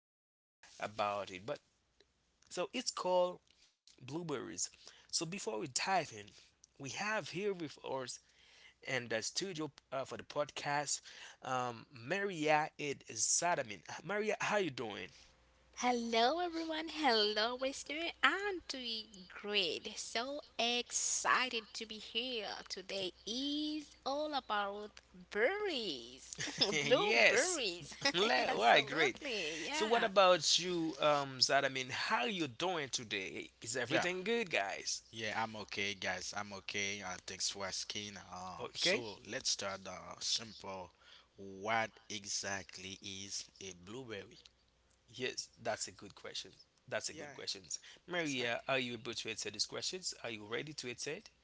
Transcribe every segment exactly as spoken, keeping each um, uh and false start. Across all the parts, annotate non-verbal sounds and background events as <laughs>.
to know about it. But so it's called blueberries. So before we dive in, we have here with us in the studio uh, for the podcast, um, Maria Ed Sadamin. Maria, how you doing? Hello, everyone. Hello, listener. I'm doing great. So excited to be here. Today is all about berries, <laughs> <laughs> Yes. blueberries. <laughs> <laughs> Le- why great. Absolutely, So what yeah. about you, um, Zad? I mean, how you doing today? Is Yeah, everything good, guys? yeah, I'm okay, guys. I'm okay. Uh, thanks for asking. Um, Okay. So let's start uh, simple. What exactly is a blueberry? Yes, that's a good question. That's a Yeah, good question. exactly, Maria, are you able to answer these questions? Are you ready to answer it?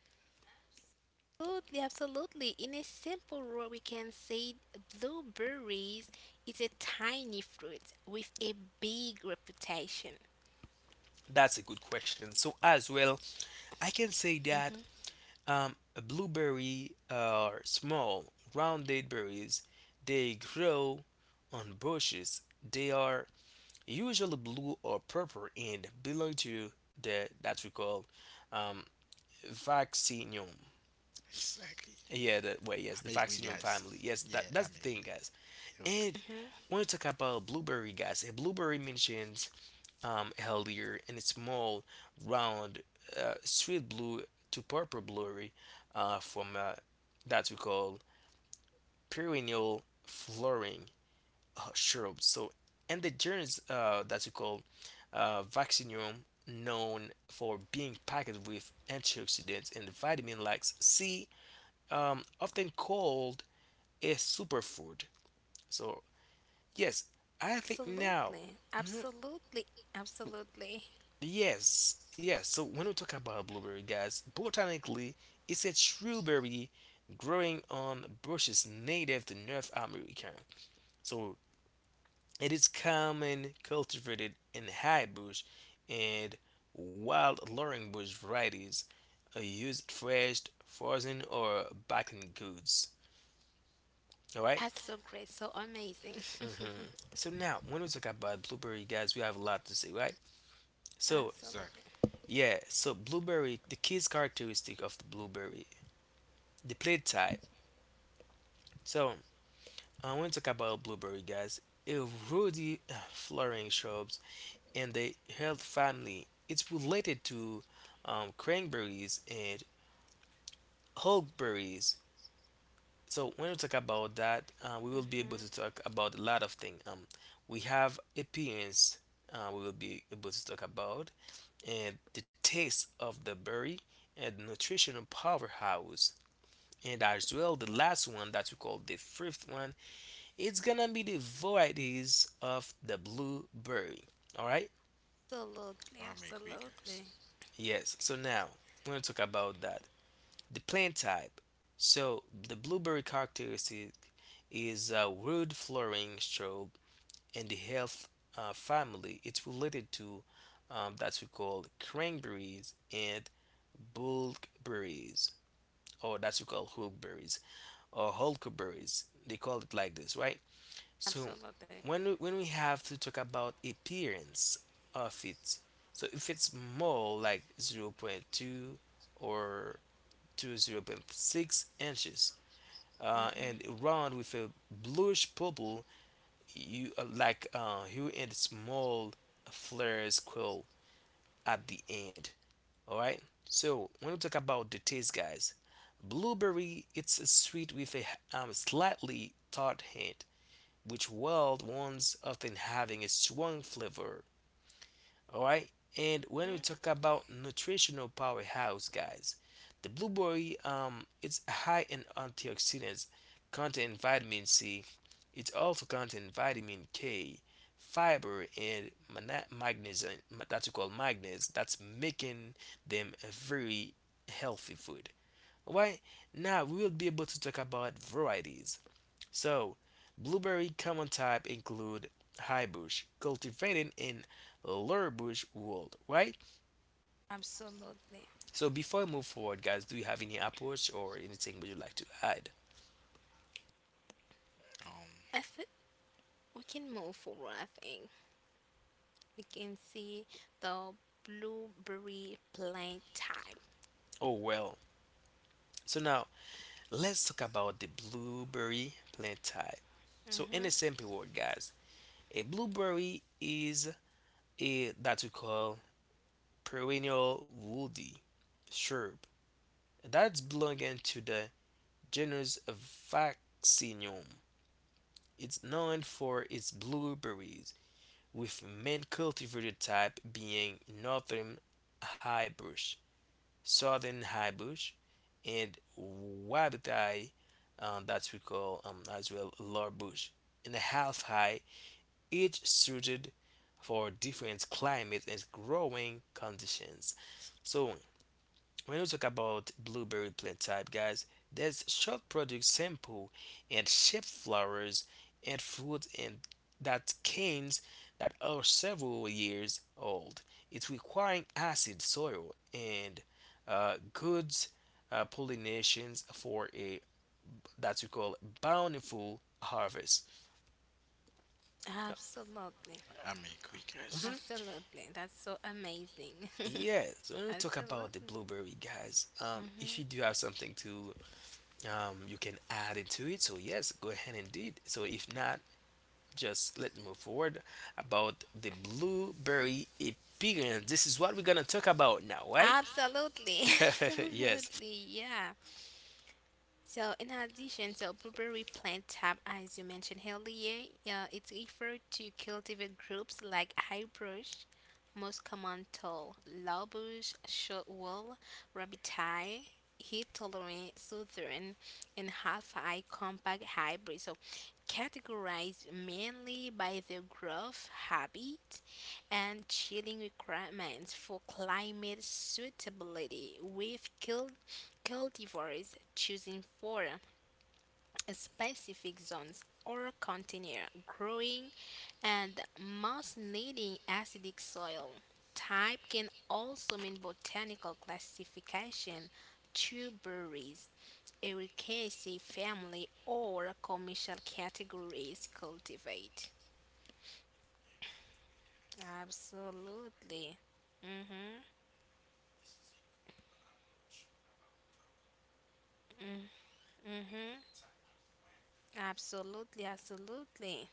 Absolutely, absolutely. In a simple word, we can say blueberries is a tiny fruit with a big reputation. That's a good question. So as well, I can say that um, a blueberry are small, rounded berries. They grow on bushes. They are usually blue or purple and belong to the that we call um, Vaccinium. exactly. Yeah, that way. Yes, the I'm agree, Vaccinium guys. family. Yes, that Yeah, that's I'm the thing, agree. guys. Okay. And Mhm. when we talk about blueberry, guys, a blueberry mentions um, healthier and it's small, round, uh, sweet blue to purple blueberry uh, from uh, that we call perennial flowering uh, shrub. So, and the genus uh, that we call uh, Vaccinium, known for being packed with antioxidants and vitamin like C um, often called a superfood. So, yes, I think now, Absolutely, absolutely, absolutely. yes, yes. So, when we talk about blueberry, guys, botanically, it's a true berry growing on bushes native to North America. So, it is common cultivated in high bush and wild laurel bush varieties, are used fresh, frozen, or baking goods. All right. That's so great, so amazing. <laughs> Mm-hmm. So now, when we talk about blueberry, guys, we have a lot to say, right? So Exactly, Absolutely. yeah, so blueberry, the key characteristic of the blueberry, the plate type. So I want to talk about blueberry, guys. A ruddy uh, flowering shrubs in the health family. It's related to um, cranberries and huckleberries. So when we talk about that, uh, we will be able to talk about a lot of things. Um, we have appearance. Uh, we will be able to talk about and the taste of the berry and the nutritional powerhouse. And as well, the last one that we call the fifth one, it's gonna be the varieties of the blueberry. All right, Absolutely, I'm agree, guys. absolutely. yes. So now we're gonna talk about that the plant type. So the blueberry characteristic is a wood flowering shrub in the health uh, family. It's related to um, that we call cranberries and bulkberries, or that's we call huckberries or huckleberries. They call it like this, right? So Absolutely. when we, when we have to talk about appearance of it, so if it's more like zero point zero point two or to zero point zero point six inches uh, Hmm. and round with a bluish purple, you uh, like uh, hue and small flares curl at the end. All right. So when we talk about the taste, guys, blueberry it's a sweet with a um, slightly tart hint, which wild ones often having a strong flavor. All right. And when we talk about nutritional powerhouse, guys, the blueberry um it's high in antioxidants, contain vitamin C. It also contains vitamin K, fiber, and mana- magnesium. ma- That's called magnesium. That's making them a very healthy food. All right. Now we will be able to talk about varieties. So, blueberry common type include high bush, cultivated in lower bush world, right? Absolutely. So before I move forward, guys, do you have any approach or anything would you like to add? Um, I think we can move forward, I think. We can see the blueberry plant type. Oh well. So now let's talk about the blueberry plant type. So in a Hmm. simple word, guys, a blueberry is a that we call perennial woody shrub that's belonging to the genus Vaccinium. It's known for its blueberries, with main cultivated type being Northern Highbush, Southern Highbush, and Wabatai, uh, that we call um, as well Lower Bush, and a Half High, each suited for different climates and growing conditions. So when we talk about blueberry plant type, guys, there's short product sample and shaped flowers and fruit and that canes that are several years old. It's requiring acid soil and uh, good uh, pollinations for a that we call bountiful harvest. Uh, Absolutely. I'm agree, guys. mhm. Absolutely. That's so amazing. <laughs> Yes, when we talk about the Absolutely. blueberry, guys, um, if you do have something to um, you can add into it. So yes, go ahead and do it. So if not, just let's move forward about the blueberry experience. This is what we're gonna talk about now, right? Absolutely. <laughs> <laughs> Yes. Absolutely. Yeah. So, in addition, so blueberry plant tab, as you mentioned earlier, yeah, it's referred to cultivar groups like highbush, most common tall, lowbush, shortwall, rabbiteye, heat-tolerant, southern, and half high compact hybrid. So, categorized mainly by their growth habit and chilling requirements for climate suitability with cultivars choosing for specific zones or container growing and most needing acidic soil. Type can also mean botanical classification to Ericaceae family, or commercial categories cultivate. Absolutely. Mm-hmm. Mm-hmm. Absolutely, absolutely.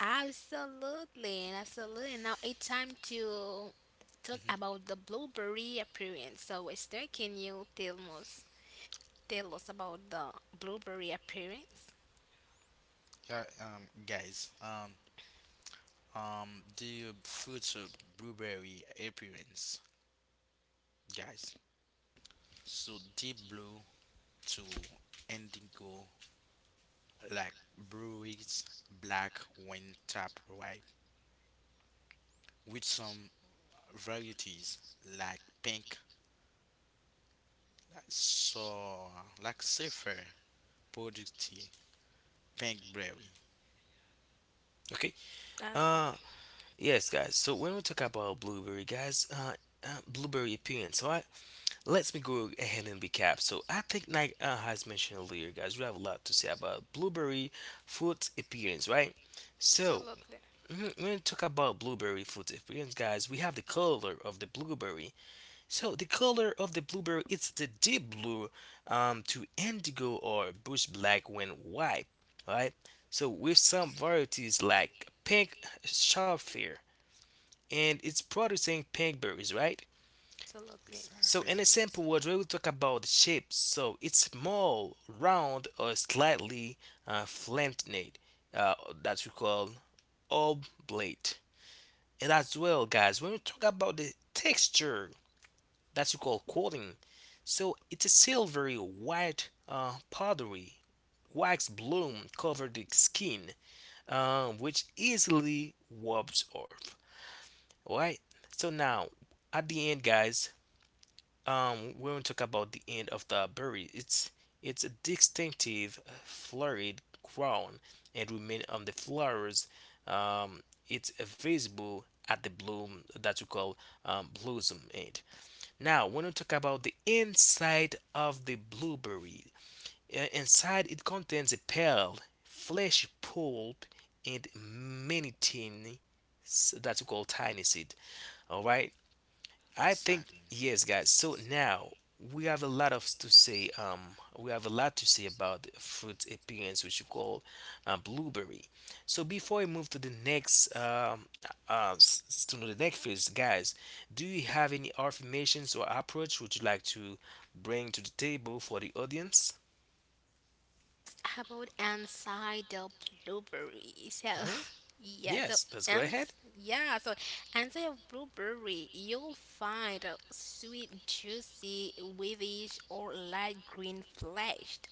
Absolutely, absolutely. Now it's time to talk Hmm. about the blueberry appearance. So, Esther, can you tell us tell us about the blueberry appearance? Yeah, um, guys. Um, um, the fruits of blueberry appearance, guys. So deep blue to indigo like breweries black wine tap white, with some varieties like pink like so like safer producty pink berry. Okay. Uh, Uh, yes, guys. So when we talk about blueberry, guys, uh, uh, blueberry appearance. So I let me go ahead and recap. So I think like uh, has mentioned earlier, guys. We have a lot to say about blueberry fruit appearance, right? So Absolutely, Mhm, when we talk about blueberry food experience, guys, we have the color of the blueberry. So the color of the blueberry it's the deep blue um, to indigo or bush black when ripe, right? So with some varieties like pink sapphire, and it's producing pink berries, right? absolutely. So in Exactly. a simple word, we will talk about the shape. So it's small, round, or slightly uh, flattened, uh, that we call oblate. And as well, guys, when we talk about the texture that you call coating, so it's a silvery white uh, powdery wax bloom covered the skin, um, which easily warps off. Alright, so now at the end, guys, um when we will talk about the end of the berry, it's it's a distinctive uh, florid crown and remain on the flowers, um it's visible at the bloom that we call um, blossom end. Now when we talk about the inside of the blueberry, uh, inside it contains a pale fleshy pulp and many tiny s- that we call tiny seed. All right. I think Exactly. yes, guys. So now we have a lot of to say. Um, we have a lot to say about the fruit appearance, which you call uh, blueberry. So before I move to the next, um, uh, s- s- to the next phase, guys, do you have any affirmations or approach would you like to bring to the table for the audience? How about inside the blueberry? So, Hmm. <laughs> yeah, so Yes, let's go ins ahead. yeah, so inside of blueberry, you'll find a sweet, juicy, whitish or light green fleshed,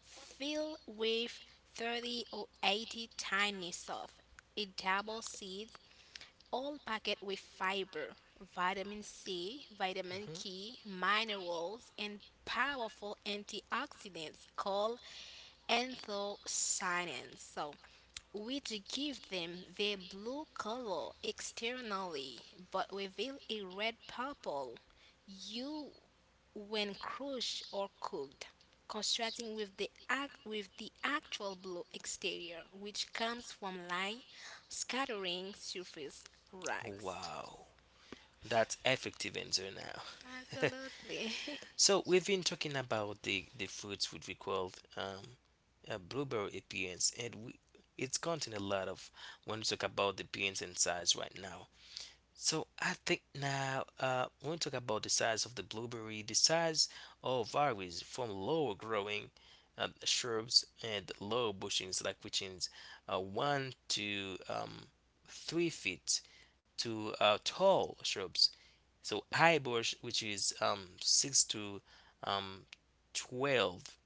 fill with thirty or eighty tiny soft, a double seed, all packed with fiber, vitamin C, vitamin Hmm. K, minerals, and powerful antioxidants called anthocyanins. So, which give them the blue color externally but reveal a red purple hue when crushed or cooked, contrasting with the act with the actual blue exterior which comes from light scattering surface rags. Wow, that's effective answer now. <laughs> Absolutely. <laughs> So we've been talking about the the fruits which we called um, a blueberry appearance, and we it's contain a lot of when we talk about the appearance and size right now. So I think now uh, when we talk about the size of the blueberry, the size all varies from lower growing uh, shrubs and low bushings like within uh, one to um, three feet to uh, tall shrubs so eyeballs, which is um, six to um, twelve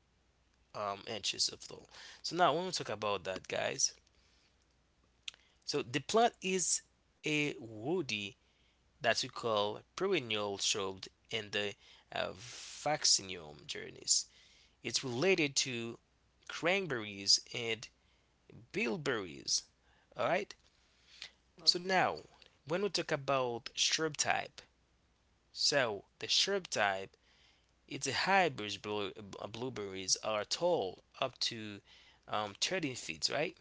um, inches of tall. So now when we talk about that, guys, so the plant is a woody that we call perennial shrub in the uh, vaccinium genus. It's related to cranberries and bilberries. All right. So now when we talk about shrub type, so the shrub type. Its hybrid blue, uh, blueberries are tall, up to um, thirteen feet, right?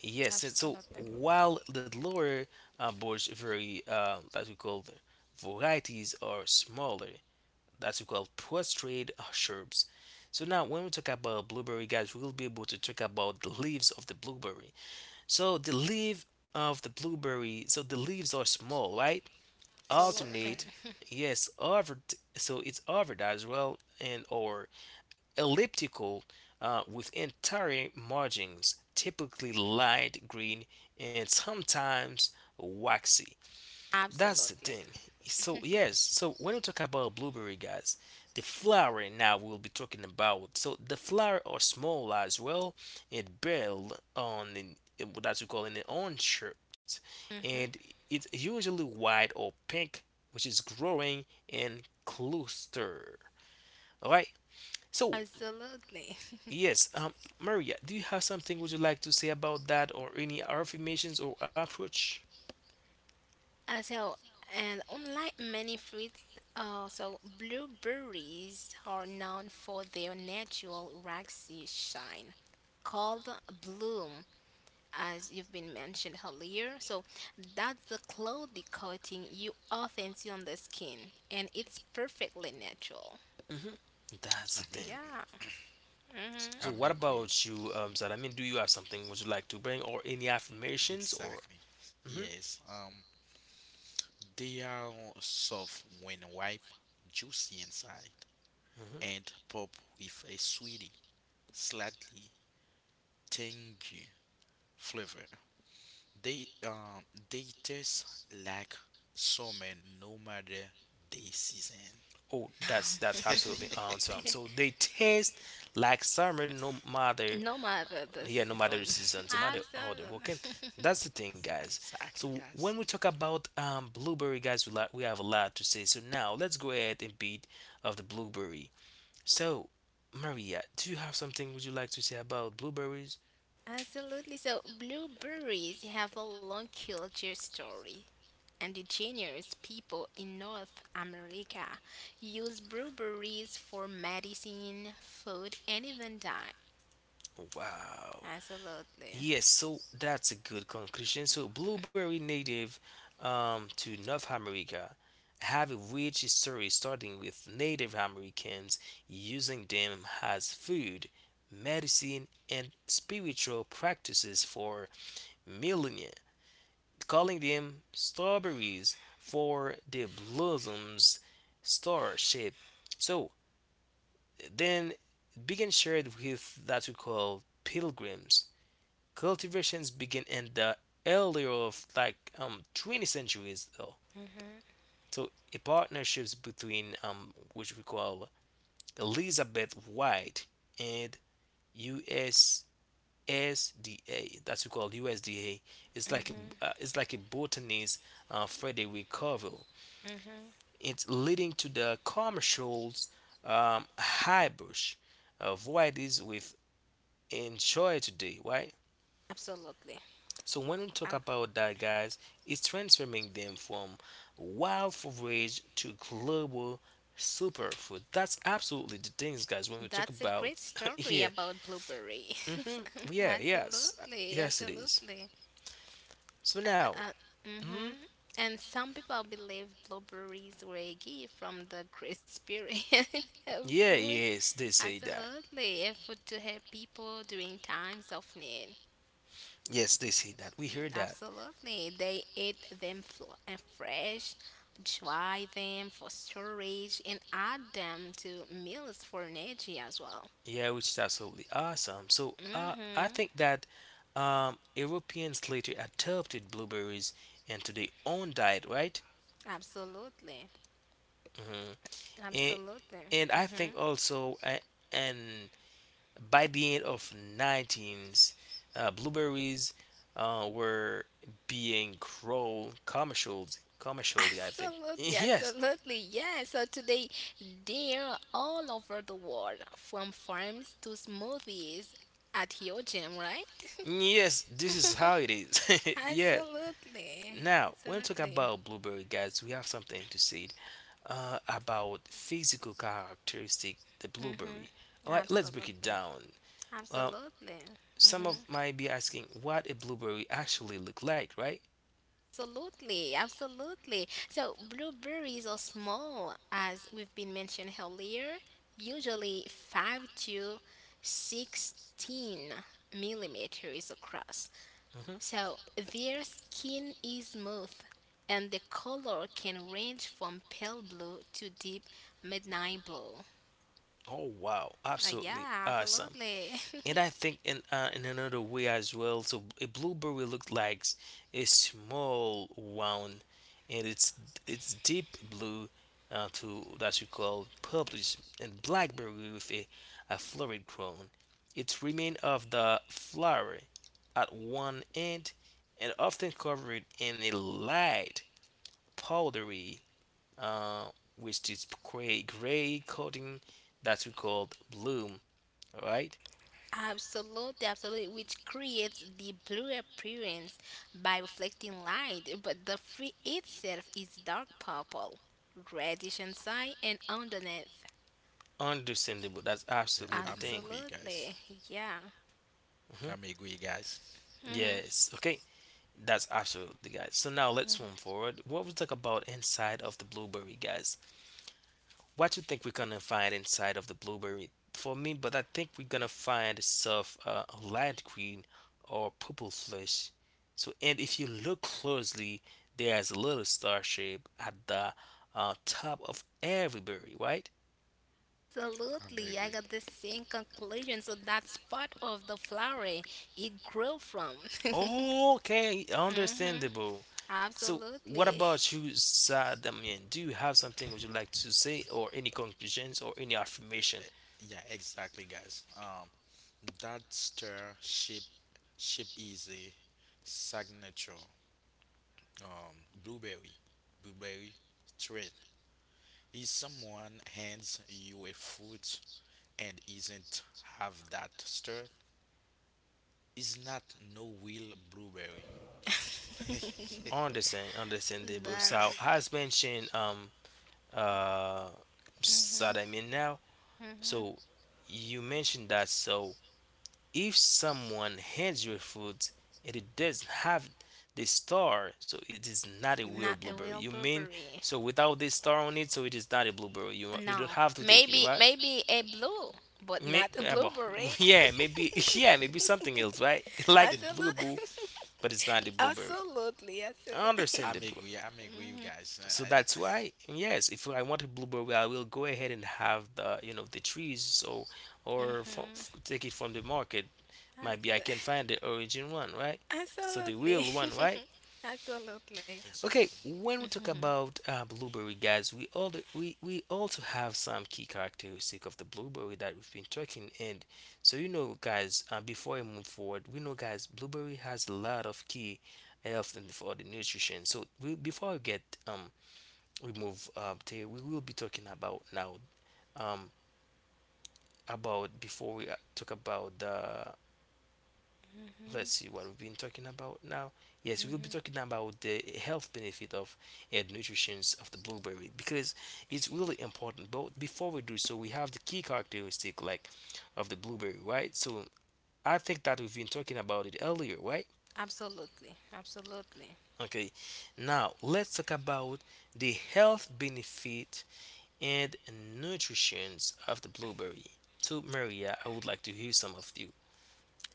Yes, and so Absolutely. while the lower uh, bush very uh, that we call the varieties are smaller, that we call prostrate shrubs. So now when we talk about blueberry, guys, we will be able to talk about the leaves of the blueberry. So the leaf of the blueberry, so the leaves are small, right? Absolutely. Exactly. Alternate, yes, overt, so it's overt as well, and or elliptical uh, with entire margins, typically light green and sometimes waxy. <laughs> That's the Absolutely. thing. So, yes, so when we talk about blueberry, guys, the flower now we'll be talking about. So, the flower are small as well and build on the, what that's we call in the orange shaped, Mhm. and it's usually white or pink, which is growing in cluster. All right, so Absolutely. yes, um, Maria, do you have something would you like to say about that or any affirmations or approach? Uh, so, and unlike many fruits, uh, so blueberries are known for their natural waxy shine, called bloom, as you've been mentioned earlier. So, that's the cloudy coating you often see on the skin, and it's perfectly natural. Hmm. That's I the mean thing. Yeah, So I what make with about you, um, Zara? I mean, do you have something would you like to bring or any affirmations or? exactly. Hmm. Yes. Um they are soft when ripe, juicy inside, Hmm. and pop with a sweety, slightly tangy flavor. They um they just like summer no matter the season. Oh, that's that's absolutely <laughs> awesome. <laughs> So they taste like summer, no matter, no matter the yeah, no matter season. the season, <laughs> no matter how they working. Absolutely. That's the <laughs> thing, guys. Exactly, So guys. when we talk about um blueberry, guys, we like we have a lot to say. So now let's go ahead and beat of the blueberry. So, Maria, do you have something would you like to say about blueberries? Absolutely. So blueberries have a long culture story. Indigenous people in North America use blueberries for medicine, food, and even diet. Wow. Absolutely. Yes, so that's a good conclusion. So, blueberry native um, to North America have a rich history starting with Native Americans using them as food, medicine, and spiritual practices for millennia, calling them strawberries for their blossoms star shape. So, then began shared with that we call pilgrims. Cultivations began in the earlier of like um twenty centuries though. So a partnerships between um which we call Elizabeth White and U S S D A. That's we call U S D A. It's like Hmm. a uh, it's like a botanist uh, Frederick Covell. Hmm. It's leading to the commercials um, hybrid uh, varieties with enjoy today, right? Absolutely. So when we talk Uh, about that, guys, it's transforming them from wild forage to global superfood. That's absolutely the things, guys. When we talk that's a about great <laughs> story yeah, about blueberry. hmm <laughs> yeah, yes, Absolutely. yes, it is. Absolutely. So now, Uh, hmm hmm And some people believe blueberries were a gift from the Great Spirit <laughs> of yeah, food. yes, they say that. Absolutely. A food to help people during times of need. Yes, they say that. We heard that. Absolutely. They eat them fl- uh, fresh, dry them for storage, and add them to meals for energy as well. Yeah, which is absolutely awesome. So uh, I think Mm-hmm. that um, Europeans later adopted blueberries into their own diet, right? Absolutely. Mm-hmm. and, Absolutely. and I Mm-hmm. think also uh, and by the end of nineteens uh, blueberries uh, were being grown commercials <laughs> commercially, I think. Absolutely. Yes, Absolutely. Yeah. So today, they're all over the world, from farms to smoothies at your gym, right? <laughs> yes, this is how it is. <laughs> Yeah, Absolutely. now when we talk Absolutely. about blueberry, guys, we have something to say uh, about physical characteristic the blueberry. Mm-hmm. All right, let's break it Absolutely. down. uh, Absolutely. some of Hmm. might be asking what a blueberry actually look like, right? Absolutely, absolutely. So blueberries are small, as we've been mentioned earlier, usually five to sixteen millimeters across. Mm-hmm. So their skin is smooth and the color can range from pale blue to deep midnight blue. Oh wow, Uh, absolutely Yeah, awesome. absolutely. <laughs> And I think in uh, in another way as well. So a blueberry looks like s- a small round, and it's it's deep blue, uh, to that you call purplish, and blackberry with a, a florid crown. It remains of the flower at one end, and often covered in a light powdery, uh, which is gray gray coating that we call bloom, all right, Absolutely, absolutely, which creates the blue appearance by reflecting light, but the fruit itself is dark purple, reddish inside and underneath. understandable. That's Yeah, absolutely the I'm thing. agree, guys. Absolutely, yeah. Hmm. I'm agree, guys. Hmm. Yes. Okay. That's absolutely, guys. So now let's move forward. What we talk about inside of the blueberry, guys? What you think we're gonna find inside of the blueberry? For me, but I think we're gonna find stuff uh, light green or purple flesh. So, and if you look closely, there's a little star shape at the uh, top of every berry, right? I'm Absolutely, I agree. got the same conclusion. So that's part of the flower it grew from. <laughs> Okay, Hmm. understandable. So, what Absolutely, about you, Saad? Do you have something would you like to say, or any conclusions, or any affirmation? Yeah, exactly, guys. Um that stir ship ship is a signature um blueberry blueberry straight. If someone hands you a fruit and isn't have that stir, it's not no will blueberry. Understand, <laughs> understandable. but So, as mentioned, um, uh, Saad, now. So, you mentioned that. So, if someone hands you food and it doesn't have the star, so it is not a real not a blueberry. real You mean purple. so without the star on it, so it is not a blueberry. You you don't No, have to take it, maybe right? maybe a blue, but May- not a yeah, but- <laughs> blueberry. yeah, maybe <laughs> yeah, maybe something else, right? <laughs> <laughs> Like <laughs> blue, Absolutely, but it's not a blueberry. absolutely, absolutely. I'm Understandable. agree. I'm agree, you guys. I, So I, that's <laughs> why, yes, if I want a blueberry, I will go ahead and have the you know the trees, so or f- f- Mhm. take it from the market. Maybe I Absol- can find the origin one, right? <laughs> So the absolutely. real one, right? <laughs> Absolutely. Okay, exactly. when we talk Mhm. about uh, blueberry, guys, we all we, we also have some key characteristic of the blueberry that we've been talking. And so you know, guys, uh, before I move forward, we know, guys, blueberry has a lot of key health and for the nutrition. So we, before we get um we move uh, to we will be talking about now um about before we uh, talk about the let's see what we've been talking about now. Yes, we will be talking about the health benefit of and nutritions of the blueberry because it's really important. But before we do so, we have the key characteristic like of the blueberry, right? So I think that we've been talking about it earlier, right? Absolutely, absolutely, Okay, now let's talk about the health benefit and nutritions of the blueberry. So Maria, I would like to hear some of you.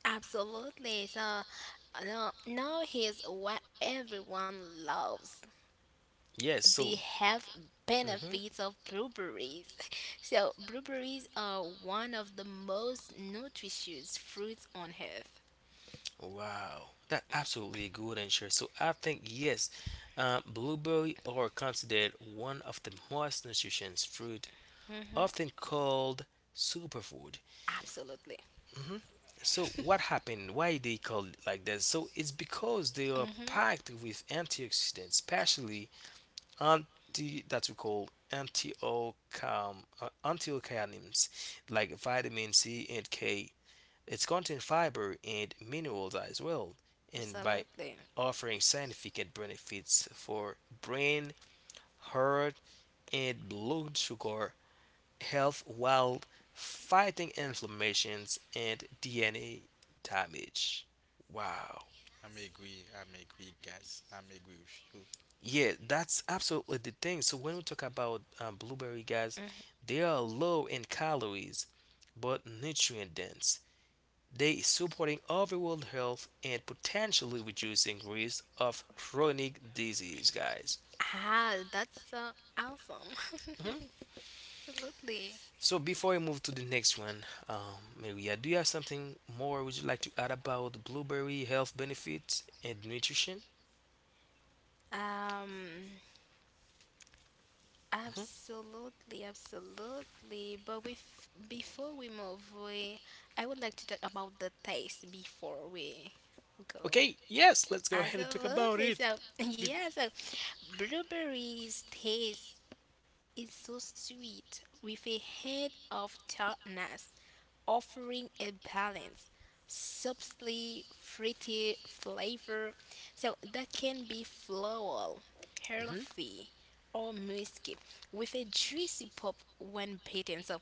absolutely. So, uh, no, now here's what everyone loves: Yes, the so. health Mhm. benefits of blueberries. <laughs> So, blueberries are one of the most nutritious fruits on earth. Wow, that absolutely good answer. So I think yes, uh, blueberry are considered one of the most nutritious fruit, often called superfood. Absolutely. Hmm. So what happened? Why they called it like that? So it's because they are Hmm. packed with antioxidants, especially anti that we call antioxidants, uh, antioxidants like vitamin C and K. It's contain fiber and minerals as well, and by Absolutely. offering significant benefits for brain, heart, and blood sugar health while fighting inflammations and D N A damage. Wow. I'm agree. I'm agree, guys. I'm agree with you. Yeah, that's absolutely the thing. So when we talk about um, blueberry, guys, Mm. they are low in calories but nutrient dense. They is supporting overall health and potentially reducing risk of chronic disease, guys. Ah, that's so awesome. Mhm. <laughs> Absolutely. So before we move to the next one, um, maria, do you have something more would you like to add about blueberry health benefits and nutrition? Um, Mhm. Absolutely, absolutely. But we f- before we move, we I would like to talk about the taste before we go. Okay, yes, let's go ahead and talk about Absolutely. it. So, <laughs> Be- yeah, so blueberries taste is so sweet, with a hint of tartness, offering a balance, subtly fruity flavor, so that can be floral, Mhm. earthy, or musky, with a juicy pop when bitten. So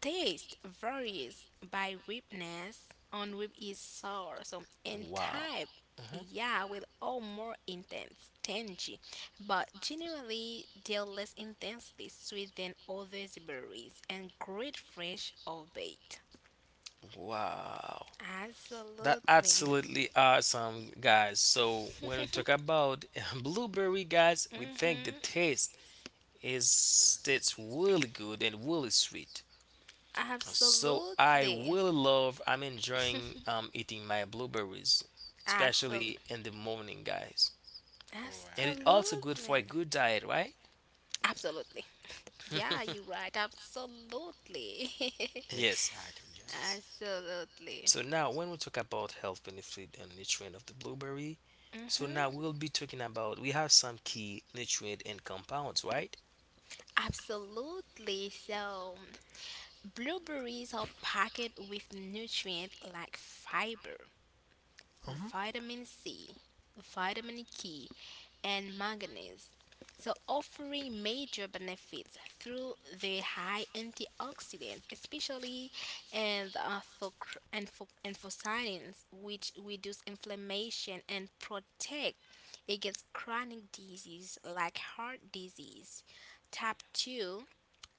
taste varies by ripeness. On rib is sour, so and Wow. type, Mhm. yeah, will all more intense, tangy, but generally they're less intensely sweet than other berries and great fresh or baked. Wow. That Absolutely. absolutely awesome, guys. So when we <laughs> talk about <laughs> blueberry, guys, we think the Hmm. taste is Exactly. it's really good and really sweet. So I Absolutely. really love. I'm enjoying um, eating my blueberries, Absol- especially in the morning, guys. All right, And it's guys. also good for a absolutely. good diet, right? Absolutely. <laughs> Yeah, you're <laughs> right. Absolutely. Yes. Exactly, <laughs> guys. Absolutely. So now when we talk about health benefit and nutrient of the blueberry, so now Hmm. we'll be talking about we have some key nutrient and compounds, right? Absolutely. So, blueberries are packed with nutrients like fiber, vitamin C, vitamin K, and manganese. So, offering major benefits through their high antioxidants, especially and uh, for, and for, and for science, which reduce inflammation and protect against chronic disease like heart disease, type two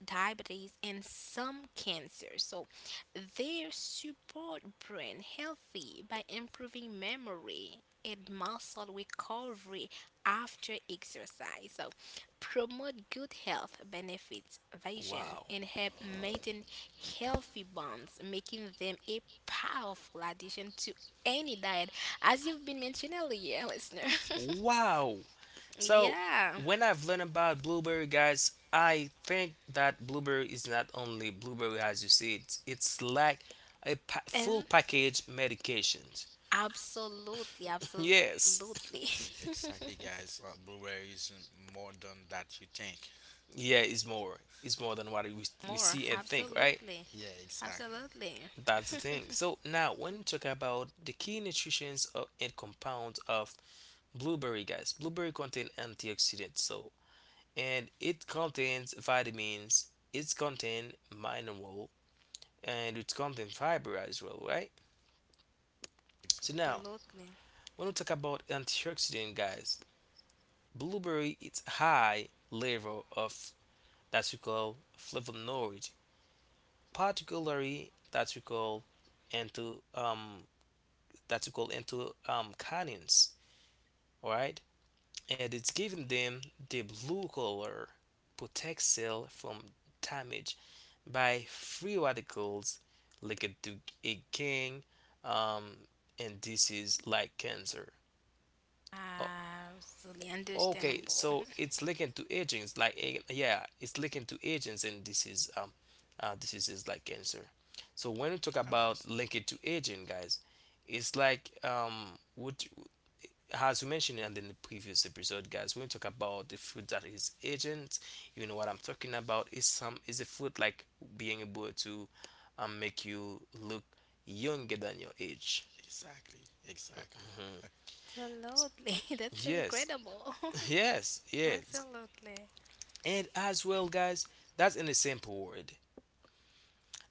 diabetes, and some cancers. So they support brain healthy by improving memory and muscle recovery after exercise. So promote good health benefits, vision, Wow. and help maintain healthy bonds, making them a powerful addition to any diet, as you've been mentioning earlier, listener. Wow. <laughs> So Yeah. when I've learned about blueberry, guys, I think that blueberry is not only blueberry as you see it. It's like a pa- full And package medications. absolutely, <laughs> absolutely. Yes. <laughs> Yeah, exactly, guys. Uh, blueberry is more than that you think. Yeah, it's more. It's more than what we, we More. see and think, right? Absolutely. Yeah, exactly. Absolutely. That's the <laughs> thing. So now, when we talk about the key nutrients of, and compounds of blueberry, guys, blueberry contain antioxidants, so and it contains vitamins, it's contain mineral, and it contain fiber as well, right? So now, Exactly. Absolutely. when we talk about antioxidant, guys, blueberry it's high level of that we call flavonoid, particularly that we call into um that we call into um canins, all right? And it's giving them the blue color protect cell from damage by free radicals linked to a gang um, and this is like cancer. O- Absolutely okay, understandable. so it's linked to agents like a- yeah, it's linked to agents and this is um uh, this is is like cancer. So when we talk I about understand. linked to agent, guys, it's like um what as we mentioned in the previous episode, guys, when we talk about the fruit that is agent, you know what I'm talking about is some is a fruit like being able to um, make you look younger than your age. Exactly. Exactly. <laughs> Absolutely. <laughs> That's so Yes, incredible. <laughs> yes, <laughs> yes. Absolutely. And as well, guys, that's in a simple word.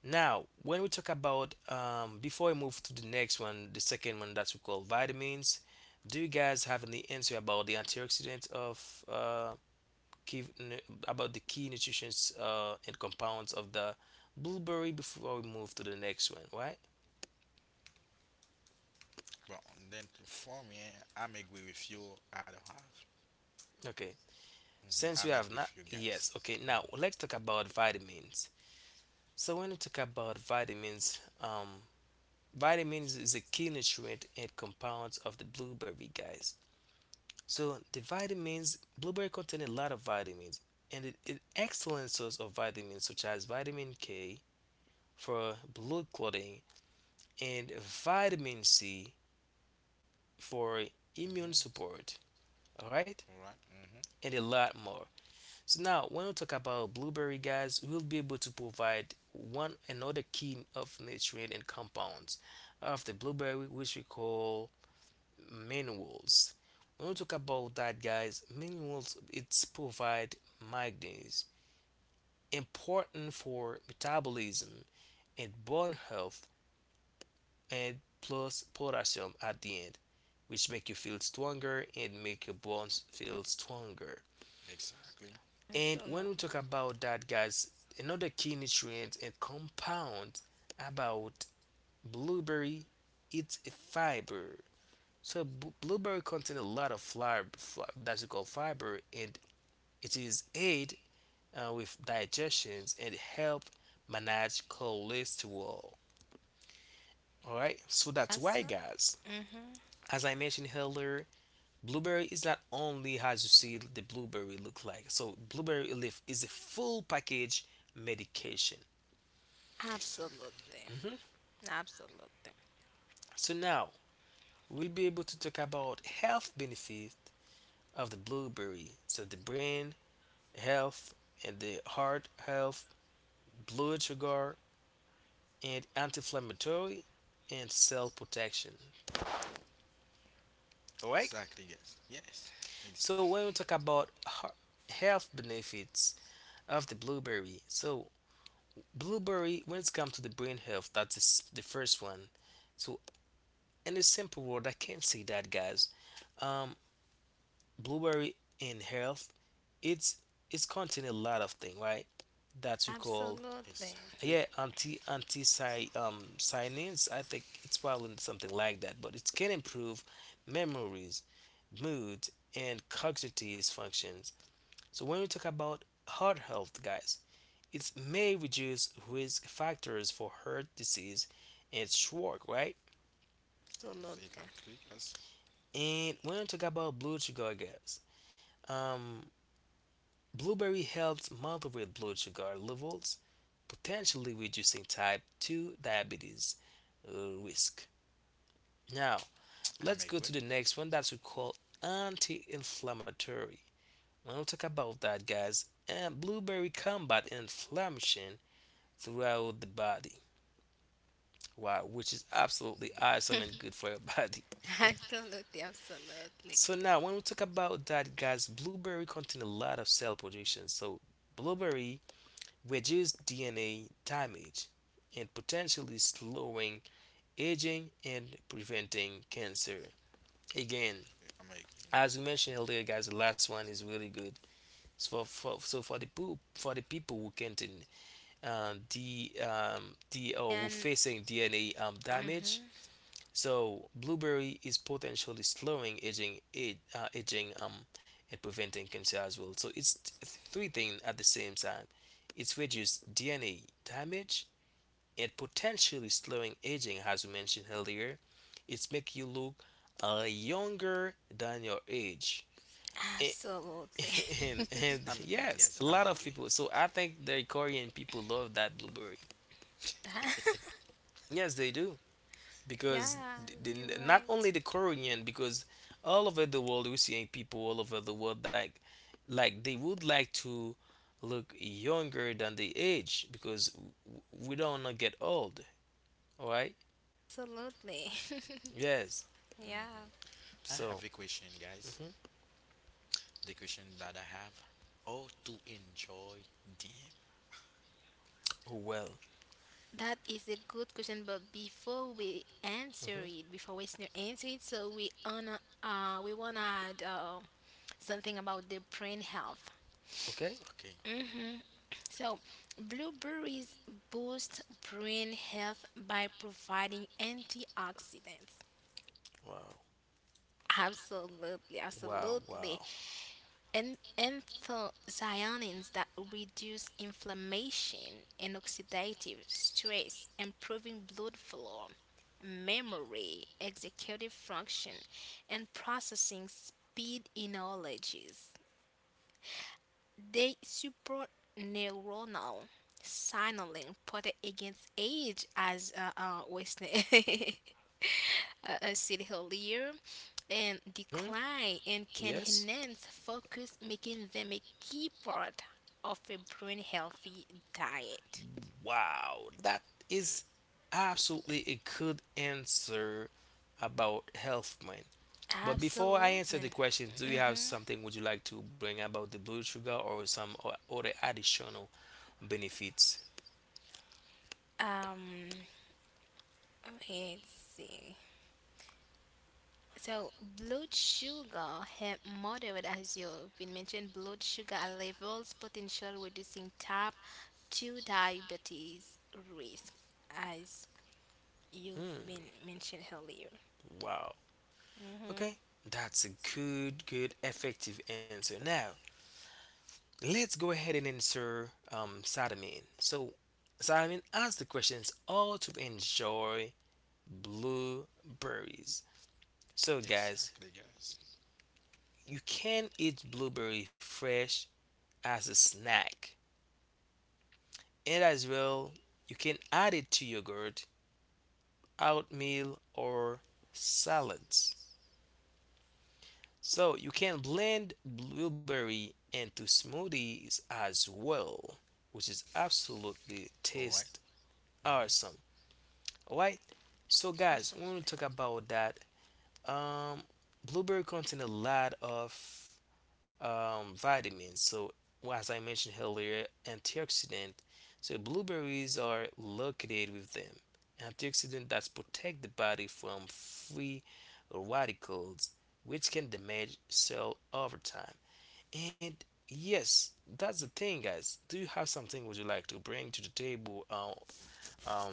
Now, when we talk about um, before we move to the next one, the second one that we call vitamins, do you guys have any answer about the antioxidant of uh, key nu- about the key nutrients uh, and compounds of the blueberry before we move to the next one, right? But then for me, I'm agree with you. I don't have. Okay. Hmm. Since you I'm have agree not, with you, guys. yes. Okay. Now let's talk about vitamins. So when we talk about vitamins, um, vitamins is a key nutrient and compounds of the blueberry, guys. So the vitamins, blueberry contain a lot of vitamins and it is excellent source of vitamins such as vitamin K for blood clotting and vitamin C for immune Mm-hmm. support, all right, All right. Mm-hmm. and a lot more. So now, when we talk about blueberry, guys, we'll be able to provide one another key of nutrient and compounds of the blueberry, which we call minerals. When we talk about that, guys, minerals it's provide magnesium, important for metabolism and bone health, and plus potassium at the end, which make you feel stronger and make your bones feel stronger. Exactly. And when we Absolutely. talk about that, guys, another key nutrient and compound about blueberry it's a fiber. So b- blueberry contains a lot of fiber that's called fiber, and it is aid uh, with digestions and help manage cholesterol. All right, so that's why, Absolutely. guys. Hmm. As I mentioned earlier, blueberry is not only as you see the blueberry look like. So blueberry leaf is a full package medication. Exactly. ye- Absolutely. Absolutely. Absolutely. So now we'll be able to talk about health benefits of the blueberry. So the brain health and the heart health, blood sugar and anti-inflammatory and cell protection. All right. Exactly. Yes. Yes. So Exactly. when we talk about har- health benefits of the blueberry, so blueberry when it comes to the brain health, that's the s- the first one. So in a simple word, I can say that, guys. Um, Blueberry in health, it's it's contain a lot of thing, right? That we call Absolutely. Exactly. yeah anti anti si, um cyanins. I think it's probably something like that, but it can improve memories, mood, and cognitive functions. So when we talk about heart health, guys, it may reduce risk factors for heart disease and stroke, right? Yes. Exactly. Yes. And when we talk about blood sugar, guys, um, blueberry helps moderate blood sugar levels, potentially reducing type two diabetes uh, risk. Now, I'm let's go to agree. the next one that we call anti inflammatory. When we talk about that, guys, and blueberry combat inflammation throughout the body. Wow, which is absolutely Mm, awesome and good for your <laughs> body. <laughs> Absolutely. Absolutely. So now, when we talk about that, guys, blueberry contain a lot of cell protection. So blueberry reduce D N A damage, and potentially slowing aging and preventing cancer. Again, I'm agree. as we mentioned earlier, Mm-hmm. guys, the last one is really good. So for, for so for the for the people who can't uh, the um the or who And, facing D N A um damage, mhm. so blueberry is potentially slowing aging age, uh, aging um and preventing cancer as well. So it's three things at the same time. It's reduced D N A damage, and potentially slowing aging, as we mentioned earlier. It's make you look uh, younger than your age. A- Absolutely. <laughs> And, Yes. and I'm. yes, Yes. a I'm lot of agree. people. So I think the Korean people love that blueberry. <laughs> Yes, they do because Yeah, th- you're the, not only right. the Korean, because all over the world we're seeing people all over the world like like they would like to look younger than the age because w- we don't want to get old. All right. Absolutely. Yes. <laughs> Yeah. Mm-hmm. I have So. a question, guys. The question that I have: how to enjoy them? Oh, well. That is a good question, but before we Mhm. answer it, before we sn- answer it, so we wanna uh we wanna add uh, something about the brain health. Okay. Okay. Mm-hmm. So, blueberries boost brain health by providing antioxidants. Wow. Absolutely, Wow. absolutely. Wow. And anthocyanins that reduce inflammation and oxidative stress, improving blood flow, memory, executive function, and processing speed in allergies. They support neuronal signaling, protect against age as uh, uh, Western. <laughs> uh, I said earlier, and Mhm. decline and can Yes. enhance focus, making them a key part of a brain healthy diet. Wow. That is absolutely a good answer about health man. But before I answer the Absolutely. question, do you have Hmm. something would you like to bring about the blood sugar or some o- other additional benefits? Um, let's see. So, blood sugar have moderate, as you've been mentioned, blood sugar levels potential reducing type two diabetes risk, as you've Hmm. been mentioned earlier. Wow. Okay. That's a good, good, effective answer. Now, let's go ahead and answer um, Sadamin. So, Sadamin asked the questions all to enjoy blueberries. So, guys, Exactly, guys. you can eat blueberry fresh as a snack, and as well, you can add it to yogurt, oatmeal, or salads. So, you can blend blueberry into smoothies as well, which is absolutely All right. taste Mm-hmm. awesome. Why? So guys, when we talk about that, um, blueberry contain a lot of um, vitamins. So well, as I mentioned earlier, antioxidant. So blueberries are located with them. Antioxidant that protect the body from free radicals, which can damage cell over time. And yes, that's the thing, guys. Do you have something would you like to bring to the table? Uh, um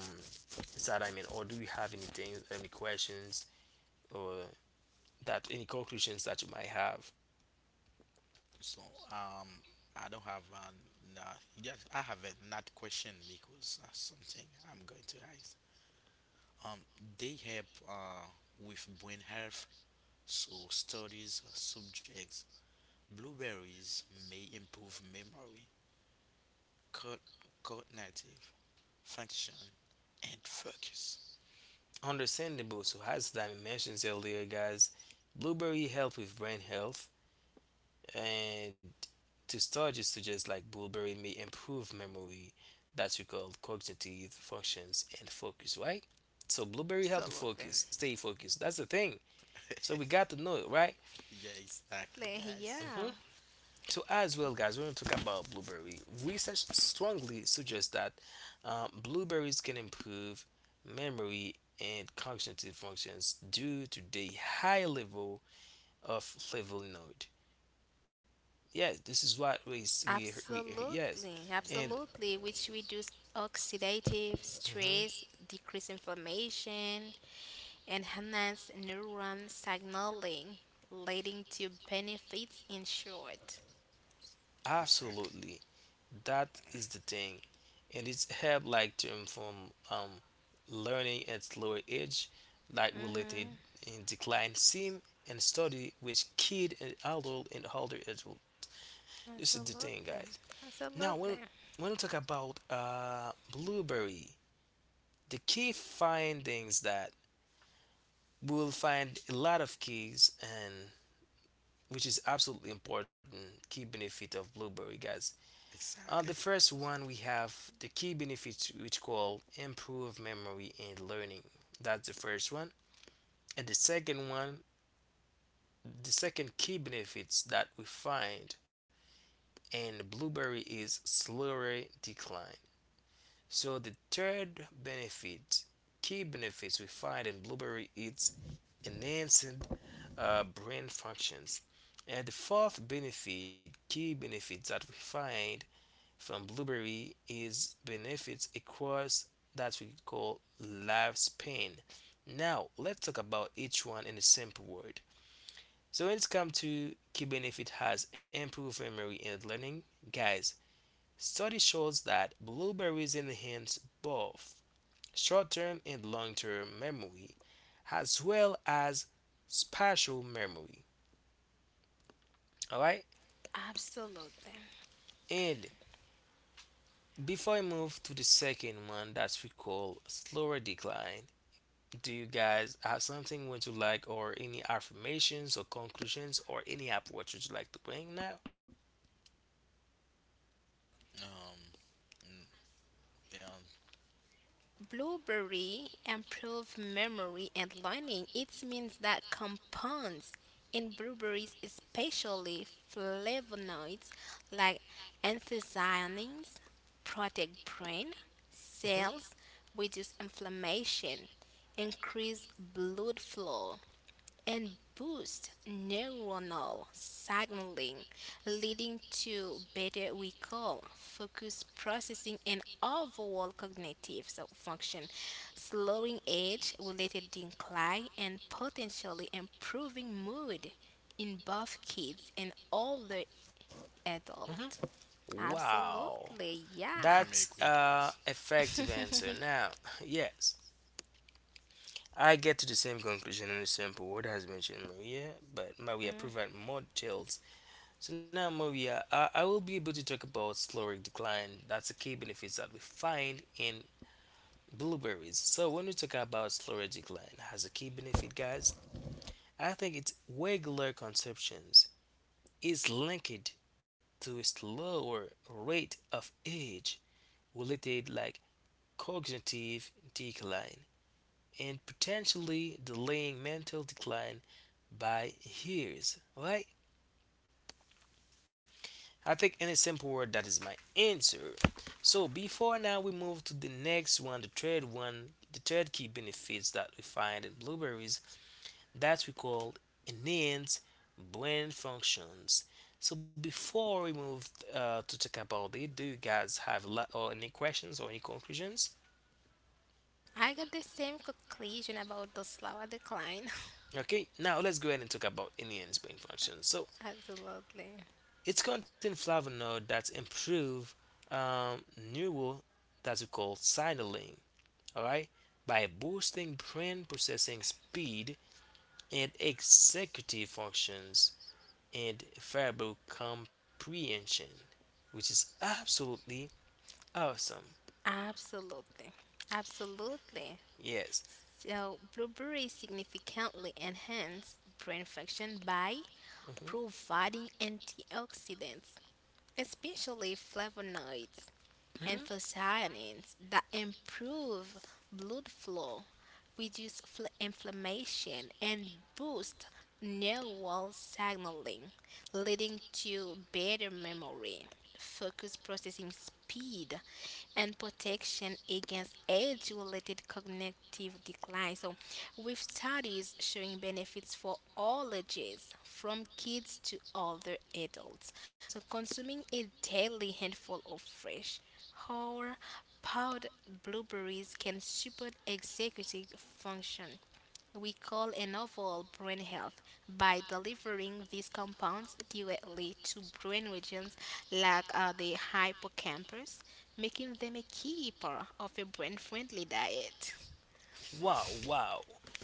is that I mean or do you have anything any questions or that any conclusions that you might have So, um, I don't have an. Uh, yes, I have a not question because uh, something I'm going to ask. Um, they help uh, with brain health, so studies subjects blueberries may improve memory, co- cognitive function, and focus. understandable so as that I mentioned earlier guys blueberry help with brain health and to start just suggest like blueberry may improve memory that you call cognitive functions and focus right so blueberry help you Absolutely. focus stay focused that's the thing so we got to know it right Yeah, exactly, Exactly, guys. yeah. hmm. So as well, guys, when we talk about blueberry, research strongly suggests that um, blueberries can improve memory and cognitive functions due to the high level of flavonoid. Yes, this is what we s- we we yes, Absolutely, and America. absolutely. Which reduce oxidative mhm, stress, decrease inflammation, and enhance neuron signaling, leading to benefits in short. Exactly. absolutely that is the thing. And it's helped like to inform um, learning at lower age like related Mm-hmm. in decline seem and study with kid and adult and older adult this is the thing guys Absolutely. now when Absolutely. when we talk about uh, blueberry the key findings that we will find a lot of keys and which is absolutely important key benefit of blueberry guys. Uh, the Exactly. first one we have the key benefits which call improve memory and learning. That's the first one. And the second one, the second key benefits that we find in blueberry is slower decline. So the third benefit, key benefits we find in blueberry is enhancing uh, brain functions. And the fourth benefit, key benefits that we find from blueberry is benefits across that we call lifespan. Now let's talk about each one in a simple word. So when it's come to key benefit has improved memory and learning, guys. Study shows that blueberries enhance both short-term and long-term memory, as well as spatial memory. All right, Absolutely. and before I move to the second one that we call slower decline, do you guys have something would you like, or any affirmations or conclusions, or any app what you'd like to bring now? Um, mm, yeah, Blueberry improve memory and learning. It means that compounds in blueberries, especially flavonoids like anthocyanins, protect brain Hmm. cells, reduce inflammation, increase blood flow, and boost neuronal signaling, leading to better recall, focus processing, and overall cognitive so function, slowing age related decline, and potentially improving mood in both kids and older Hmm. adults. Wow, Absolutely, yeah. I'm that's agree, uh guys. effective answer. Now, yes, I get to the same conclusion in a simple word as mentioned Maria, but Maria Mm, provide more details. So now, Maria, uh, I will be able to talk about caloric decline. That's the key benefits that we find in blueberries. So when we talk about caloric decline, has a key benefit, guys. I think its regular consumptions is linked to its lower rate of age related like cognitive decline and potentially delaying mental decline by years, right? I think in a simple word that is my answer. So before now we move to the next one, the third one, the third key benefits that we find in blueberries that we call enhance brain functions. So before we move uh, to talk about it, do you guys have a lot or any questions or any conclusions? I got the same conclusion about the slower decline. Okay, now let's go ahead and talk about enhanced brain functions. So <laughs> Absolutely. it's contain flavonoid that improve um, neural that we call signaling. All right, by boosting brain processing speed and executive functions and verbal comprehension, which is absolutely awesome. Absolutely. Absolutely. Yes. So, blueberries significantly enhance brain function by Hmm. providing antioxidants, especially flavonoids and Hmm. anthocyanins, that improve blood flow, reduce fl- inflammation, and boost neural signaling, leading to better memory, focus processing speed, and protection against age related cognitive decline. So, with studies showing benefits for all ages, from kids to older adults. So, consuming a daily handful of fresh, whole, powdered blueberries can support executive function we call an overall brain health by delivering these compounds directly to brain regions like uh, the hippocampus, making them a key part of a brain friendly diet. Wow, wow. <laughs>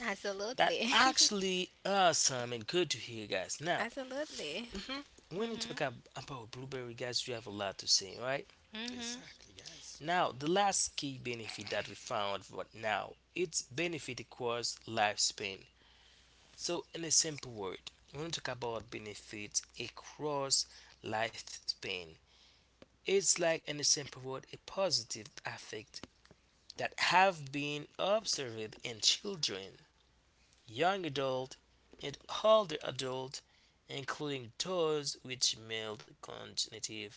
That Absolutely. actually awesome and good to hear, guys. <laughs> Now, Absolutely. mhm, when you talk ab- about blueberry, guys, you have a lot to say, right? Exactly, guys. Now, the last key benefit that we found right now, it's benefit across lifespan. So, in a simple word, when we want to talk about benefits across lifespan, it's like, in a simple word, a positive effect that have been observed in children, young adult, and older adult, including those which mild cognitive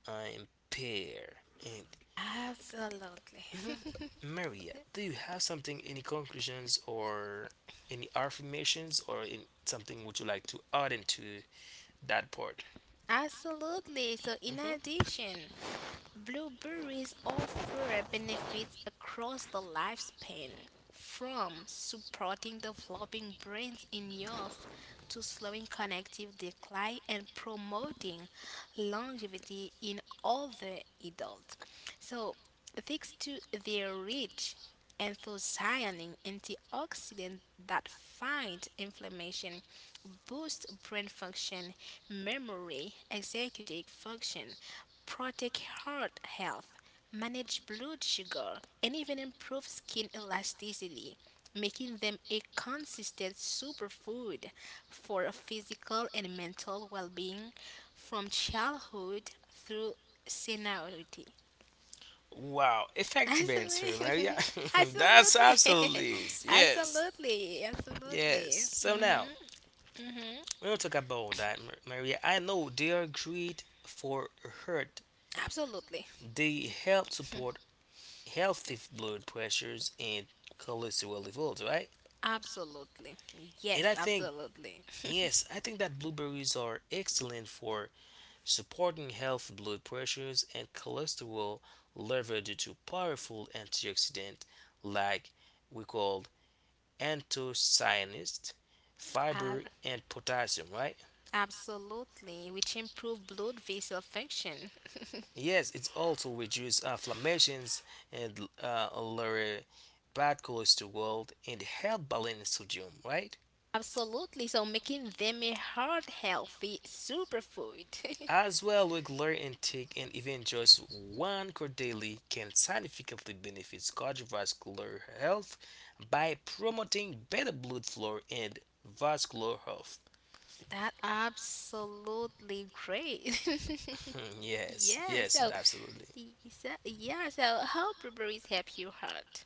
uh, impair. And Absolutely. mhm, <laughs> Maria, do you have something, any conclusions or any affirmations or in something would you like to add into that part? Absolutely. So, in Hmm. addition, blueberries offer benefits across the lifespan, from supporting developing brains in youth to slowing cognitive decline and promoting longevity in older adults. So, thanks to their rich anthocyanin antioxidant that fight inflammation, boost brain function, memory, executive function, protect heart health, manage blood sugar, and even improve skin elasticity, making them a consistent superfood for physical and mental well being from childhood through seniority. Wow, effective answer, Maria. Absolutely, <laughs> <laughs> That's absolutely, <laughs> absolutely I'm is. agree. Yes, absolutely, yes. absolutely. So now Hmm. we will talk about that, Mar- Maria. I know they are great for heart. Absolutely. They help support healthy blood pressures and cholesterol levels, right? Absolutely. And Yes, I think absolutely. yes, I think that blueberries are excellent for supporting healthy blood pressures and cholesterol level due to powerful antioxidant like we call anthocyanins, fiber, Ab- and potassium, right? absolutely, which improve blood vessel function. Yes, it also reduces inflammations and uh, lower bad cholesterol and help balance sodium, right? Absolutely. So making them a heart healthy superfood. As well, regular intake and even just one curd daily can significantly benefit cardiovascular health by promoting better blood flow and vascular health. <laughs> That absolutely great. <laughs> <laughs> Yes, Yeah, yes, so absolutely. y- so yeah, so how blueberries help your heart?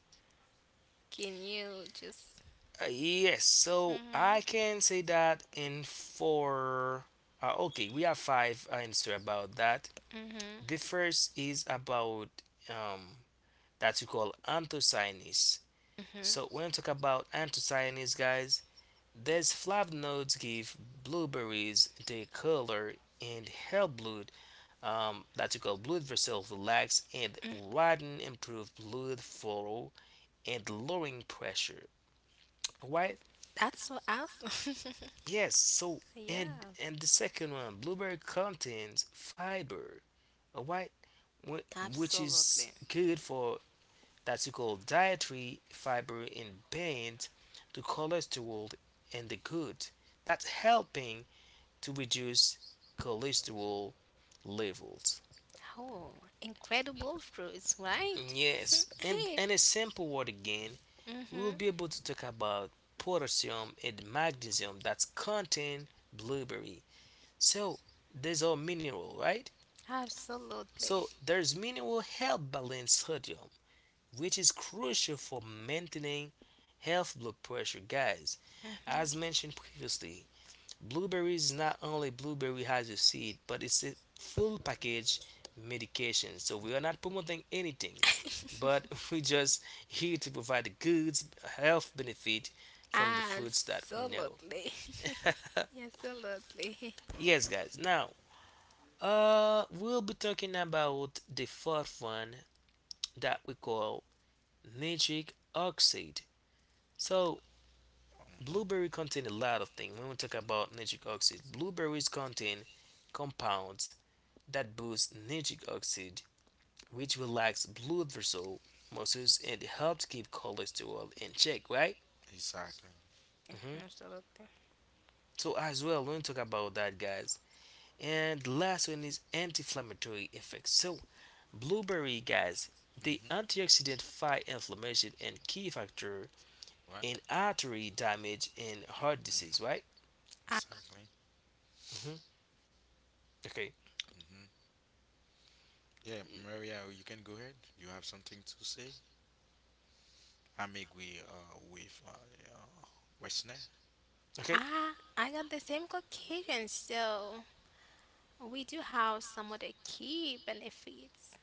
Can you just... Uh, yes, so Mhm. I can say that in four. Uh, okay, we have five answer about that. Mhm. The first is about um that we call anthocyanins. So Mhm. when we talk about anthocyanins, guys, these flavonoids give blueberries the color and help blood um, that we call blood vessel relax and widen improve blood flow and lowering pressure. Why? That's so awesome. Yes, so <laughs> and Yeah. and the second one, blueberry contains fiber, all right, wh- which is Absolutely. good for that's you call dietary fiber in paint, the cholesterol and the good. That's helping to reduce cholesterol levels. Oh, incredible fruits, right? Yes, and <laughs> and a simple word again, we will Mm-hmm. be able to talk about potassium and magnesium that's contain blueberry. So these are mineral, right? Absolutely. So there's minimal help balance sodium, which is crucial for maintaining health blood pressure, guys. Mm-hmm. As mentioned previously, blueberries not only blueberry has a seed, but it's a full package medication. So we are not promoting anything, but <laughs> we just here to provide the goods health benefit from the foods that we know. Absolutely. <laughs> <laughs> Absolutely. Yes, guys. Now, uh, we'll be talking about the fourth one that we call nitric oxide. So Hmm. blueberry contain a lot of things. When we talk about nitric oxide, blueberries contain compounds that boost nitric oxide, which relax blood vessel muscles and helps keep cholesterol in check, right? Exactly. <laughs> Hmm. Absolutely. So as well, when we talk about that, guys. And last one is anti-inflammatory effects. So blueberry, guys, the Hmm. antioxidant fight inflammation and key factor What? in artery damage and heart disease, right? Ah, Exactly. Hmm. Okay. Hmm. Yeah, Mm. Maria, you can go ahead. You have something to say? I'm agree uh, with uh, uh, Westner. Okay. ah, I got the same Caucasian, so we do have some of the key benefits.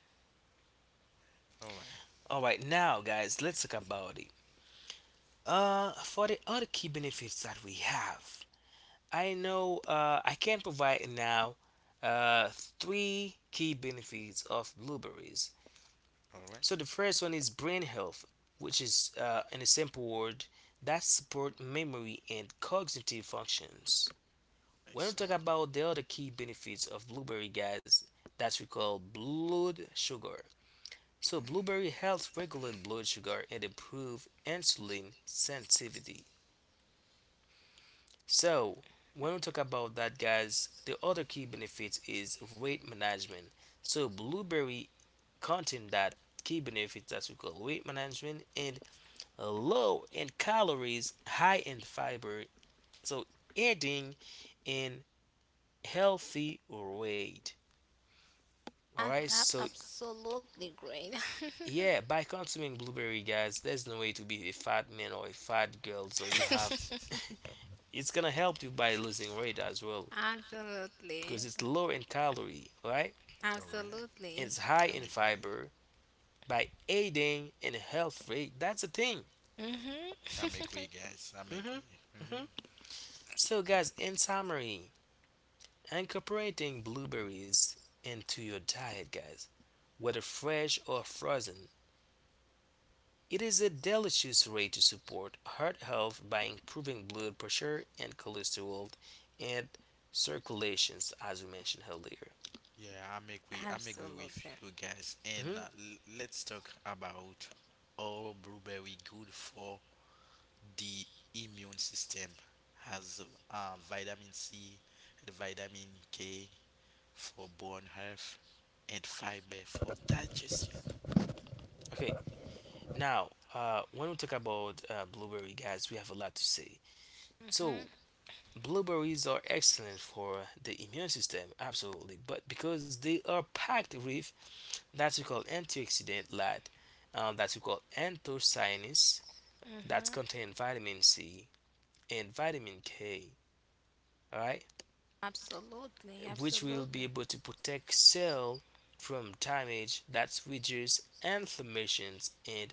All right, All right. Now, guys, let's talk about it. Uh, for the other key benefits that we have, I know uh, I can provide now uh, three key benefits of blueberries. all right, So the first one is brain health, which is, uh, in a simple word, that support memory and cognitive functions. When we talk exactly. about the other key benefits of blueberry, guys, that's we call blood sugar. So blueberry helps regulate blood sugar and improve insulin sensitivity. So when we talk about that guys, the other key benefits is weight management. So blueberry contain that key benefits that we call weight management and low in calories, high in fiber. So adding in healthy weight. All Ah, right, that so absolutely great. <laughs> yeah, by consuming blueberry, guys, there's no way to be a fat man or a fat girl. So you have it's gonna help you by losing weight as well Absolutely. because it's low in calorie, right? All right, Absolutely. It's high I'm in agree. fiber by aiding in health rate. That's the thing. I'm Mm-hmm. agree, guys. I'm Hmm. agree. Hmm. Hmm. So, guys, in summary, incorporating blueberries into your diet, guys, whether fresh or frozen, it is a delicious way to support heart health by improving blood pressure and cholesterol and circulations, as we mentioned earlier. Yeah, I'm <laughs> agree. I'm agree with Absolutely. you, guys. And Hmm. uh, l- let's talk about, all blueberry good for the immune system, has uh, vitamin C and vitamin K for bone health and fiber for digestion. Okay. Now, uh, when we talk about uh, blueberry, guys, we have a lot to say. So, Mm-hmm. blueberries are excellent for the immune system, absolutely, but because they are packed with that we call antioxidant light, uh, that we call anthocyanins, that contain vitamin C and vitamin K, alright, Absolutely. which will Absolutely. be able to protect cell from damage that reduces inflammations and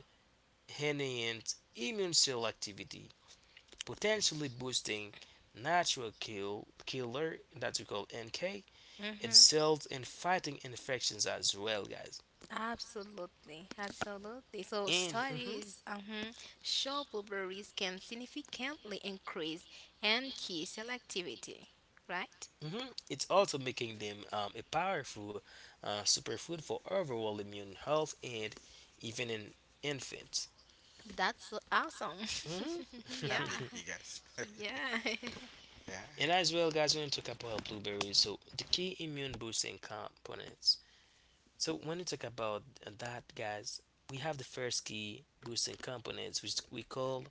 enhance immune cell activity potentially Thanks. boosting natural kill killer that we call N K. It Mm-hmm. sells in fighting infections as well, guys. Absolutely, absolutely. So And mhm, studies uh-huh, show blueberries can significantly increase N K selectivity, right? mhm, it's also making them um, a powerful uh, superfood for overall immune health and even in infants. That's so awesome. Mhm. <laughs> Yeah, I'm <laughs> agree, guys. yeah. <laughs> Yeah. And as well, guys, when you talk about blueberries, so the key immune boosting components. So when you talk about that, guys, we have the first key boosting components, which we call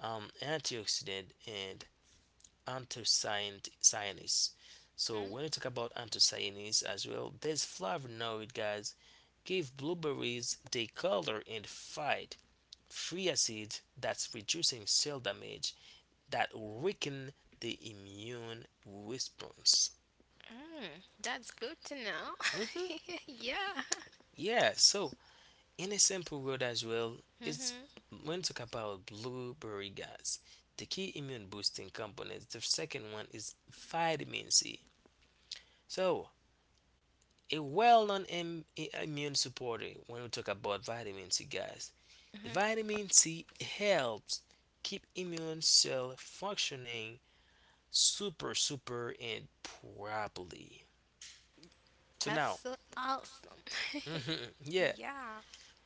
um, antioxidant and anthocyanins. So when <laughs> you talk about anthocyanins as well, there's flavonoid guys give blueberries the color and fight free acids that's reducing cell damage that weaken the immune response. Mm, that's good to know. hmm <laughs> Yeah. Yeah, so in a simple word as well, it's Hmm. when you talk about blueberry guys, the key immune boosting components. The second one is vitamin C. So, a well known Im- i- immune supporter when we talk about vitamin C, guys. The Hmm. vitamin C helps keep immune cell functioning super, super, and properly. So, That's now, so awesome. <laughs> mhm, <laughs> yeah, Yeah.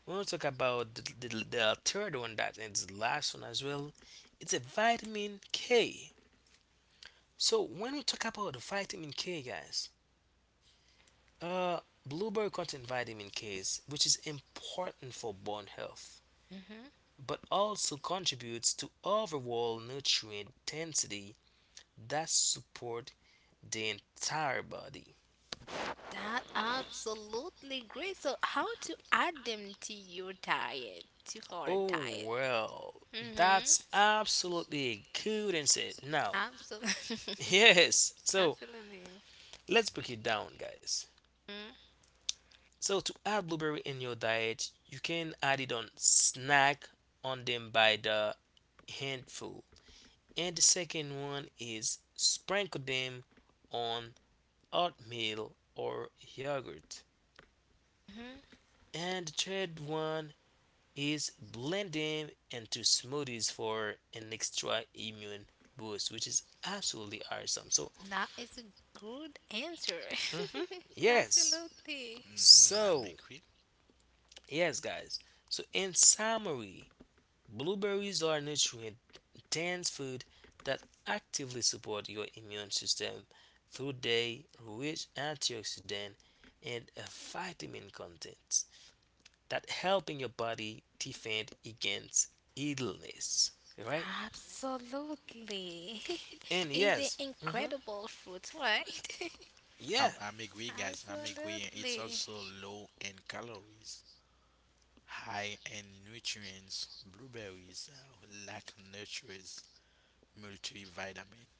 we want to talk about the, the, the third one that and the last one as well, it's a vitamin K. So, when we talk about vitamin K, guys, uh, blueberry contains vitamin K, which is important for bone health, but also contributes to overall nutrient density that support the entire body. That absolutely great. So how to add them to your diet, to our Oh diet? well, Mm-hmm. that's absolutely a good insight. Now, Absolutely. <laughs> yes, <laughs> so Absolutely. let's break it down, guys. So to add blueberry in your diet, you can add it on snack on them by the handful. And the second one is sprinkle them on oatmeal or yogurt. Mm-hmm. And the third one is blending into smoothies for an extra immune boost, which is absolutely awesome. So, That is a good answer. mhm, <laughs> yes. Absolutely. Hmm. I'm So, agree. yes, guys. So, in summary, blueberries are nutrient dense food that actively support your immune system through their rich antioxidant and uh, vitamin content that helping your body defend against illness. All right? Absolutely. <laughs> And It is an yes, hmm incredible fruit, right? <laughs> yeah, I'm, I'm agree, guys. I'm agree. It's Absolutely. also low in calories, high in nutrients. Blueberries uh, lack nutrients, multivitamin.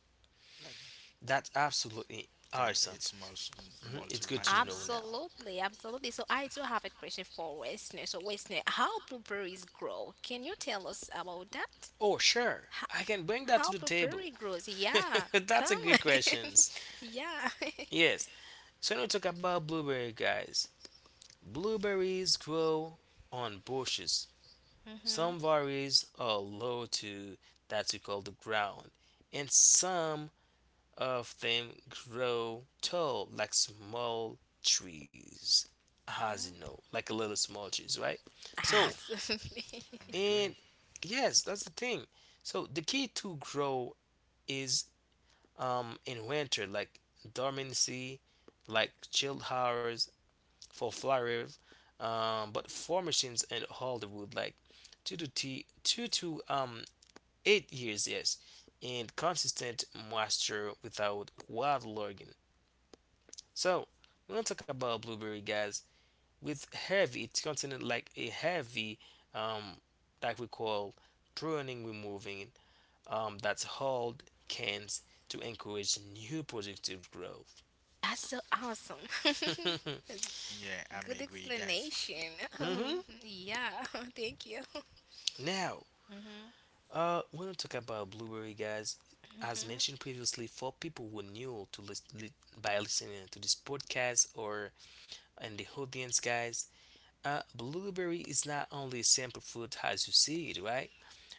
Like, that's absolutely yeah, awesome. it's multi hmm It's good to know multivitamin. now. Absolutely, absolutely. So I do have a question for Wesley. So Wesley, how blueberries grow? Can you tell us about that? Oh, How, sure, I can bring how that to the blueberry table. grows? Yeah, <laughs> come That's a on. good question. <laughs> Yeah. Yes, so now we talk about blueberry, guys. Blueberries grow on bushes. Mm-hmm. Some varieties are low to that we call the ground, and some of them grow tall like small trees, as you know, like a little small trees, right? So, Absolutely. <laughs> I'm agree. and yes, that's the thing. So the key to grow is um in winter, like dormancy, like chilled hours for flowers, um, but formations in Hollywood, like two to t two to um eight years, yes, and consistent moisture without wild logging. So we're gonna talk about blueberry, guys. With heavy, it's considered like a heavy um like we call pruning removing um, that hold cans to encourage new productive growth. That's so awesome. <laughs> <laughs> Yeah, I'm Good agree, guys. explanation. Um, hmm yeah, <laughs> thank you. Now, uh, we want to talk about blueberry, guys. As mentioned previously, for people who are new to list, li- by listening to this podcast or in the audience, guys, uh, blueberry is not only a simple fruit as you see it, right?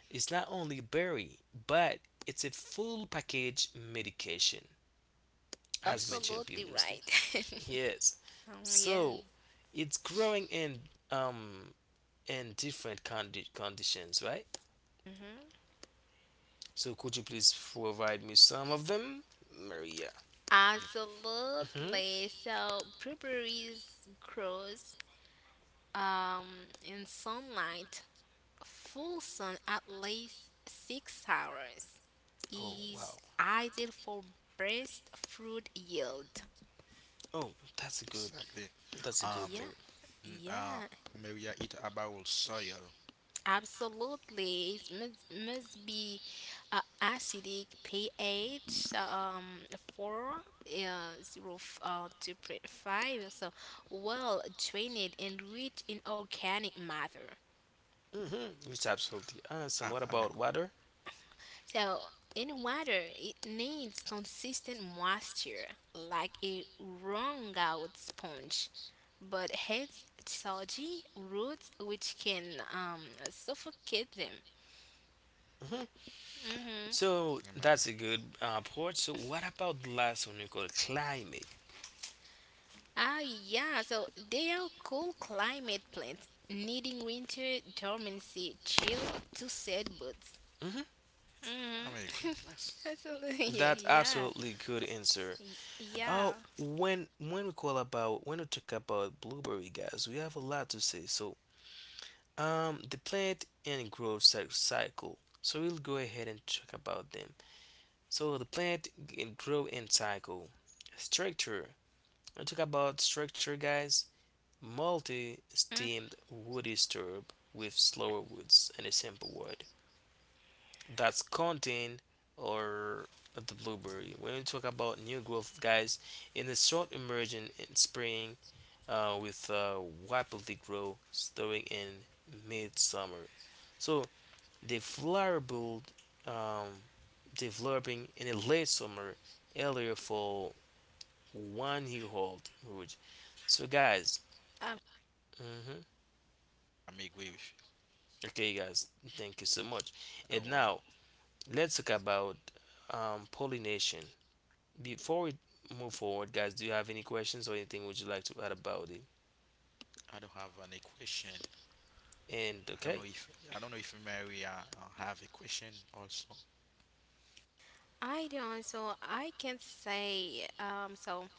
It's not only a berry, but it's a full package medication, as mentioned Exactly. Absolutely Yeah, previously. right. Yes. <laughs> Um, yeah. So it's growing in um in different condi- conditions, right? Hmm. So could you please provide me some of them, Maria? yeah, hmm Absolutely. So blueberries grows um in sunlight, full sun at least six hours Oh is wow. ideal for best fruit yield. Oh, that's a good. exactly. That's a good Um, thing. Yeah, mm, uh, yeah. Maria, it about soil. Absolutely, it must, must be uh, acidic pH um four uh, zero f- uh, two point five. So well drained and rich in organic matter. Mm-hmm. It's absolutely I, awesome. What I'm about agree. water? So in water, it needs consistent moisture like a wrung out sponge, but has soggy roots which can um, suffocate them. hmm Hmm. So I'm that's a agree. good uh, port. So what about the last one we call climate? Ah, yeah. So they are cool climate plants, needing winter dormancy, chill to set buds. hmm I'm agree, Mm-hmm. guys. <laughs> Absolutely. That's Yeah. Yeah. absolutely good answer. Oh, Hmm. Yeah. when when we call about when we talk about blueberry guys, we have a lot to say. So, um, the plant and growth cy- cycle. So we'll go ahead and talk about them. So the plant and grow and cycle structure. We talk about structure, guys. Mm. Multi-stemmed woody stirrup with slower roots in a simple word. That's contain or the blueberry. When we talk about new growth, guys, in the short emerging in spring uh, with uh, rapidly grow starting in midsummer. So the flower build um, developing in the late summer, earlier fall, one year old root. So guys, Um, hmm I'm agree with okay, guys, thank you so much. you. And All right. now let's talk about um, pollination. Before we move forward, guys, do you have any questions or anything would you like to add about it? I don't have any question. And I don't know okay, if I don't know if Maria uh, uh, have a question also. I don't. So I can say. Um. So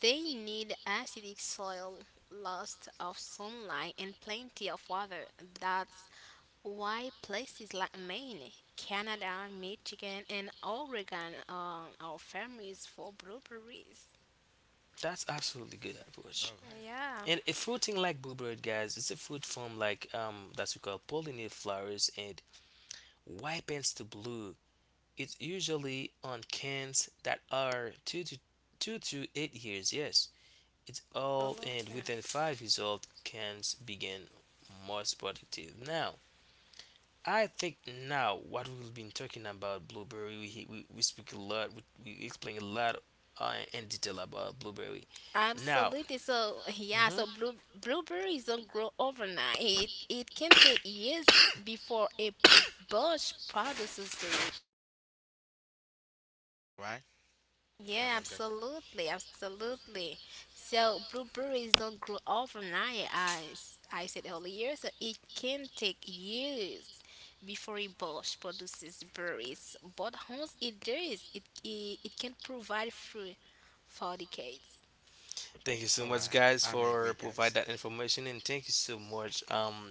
they need acidic soil, lots of sunlight, and plenty of water. That's why places like Maine, Canada, Michigan, and Oregon uh, are famous for blueberries. that's absolutely good All approach. right, Yeah, And a fruiting like bluebird, guys, it's a fruit from like um that we call pollinated flowers and ripens to blue. It's usually on cans that are two to two to eight years. Yes, it's old and absolutely. within five years old cans begin most productive. Now, I think now what we've been talking about blueberry, we, we, we speak a lot, we, we explain a lot uh, in detail about blueberry. Now, Absolutely. So yeah, Mhm. so blue, blueberries don't grow overnight. It, it can take years before a <coughs> bush produces the... right? I Yeah, don't guess. absolutely, absolutely. So blueberries don't grow overnight, as I said earlier. So it can take years before a bush produces berries. But once it does, it it, it can provide fruit for decades. Thank you All so much, right, guys, I'm agree, for provide guys. that information, and thank you so much, um,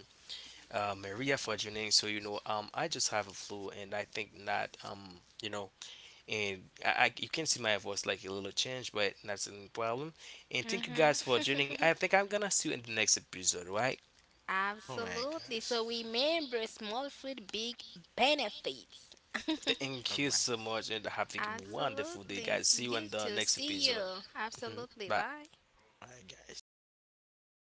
uh, Maria, for joining. So you know, um, I just have a flu, and I think that um, you know, and I, I you can see my voice like a little change, but that's no problem. And thank you guys for joining. I Mm-hmm. think I'm gonna see you in the next episode, right? <laughs> All right, Absolutely. guys. So remember, small fruit, big benefits. All Thank you right, so much, and have a wonderful day, Absolutely. guys. See you You in the too. next See episode. you. Mhm. Absolutely. Bye. Bye. all right, guys.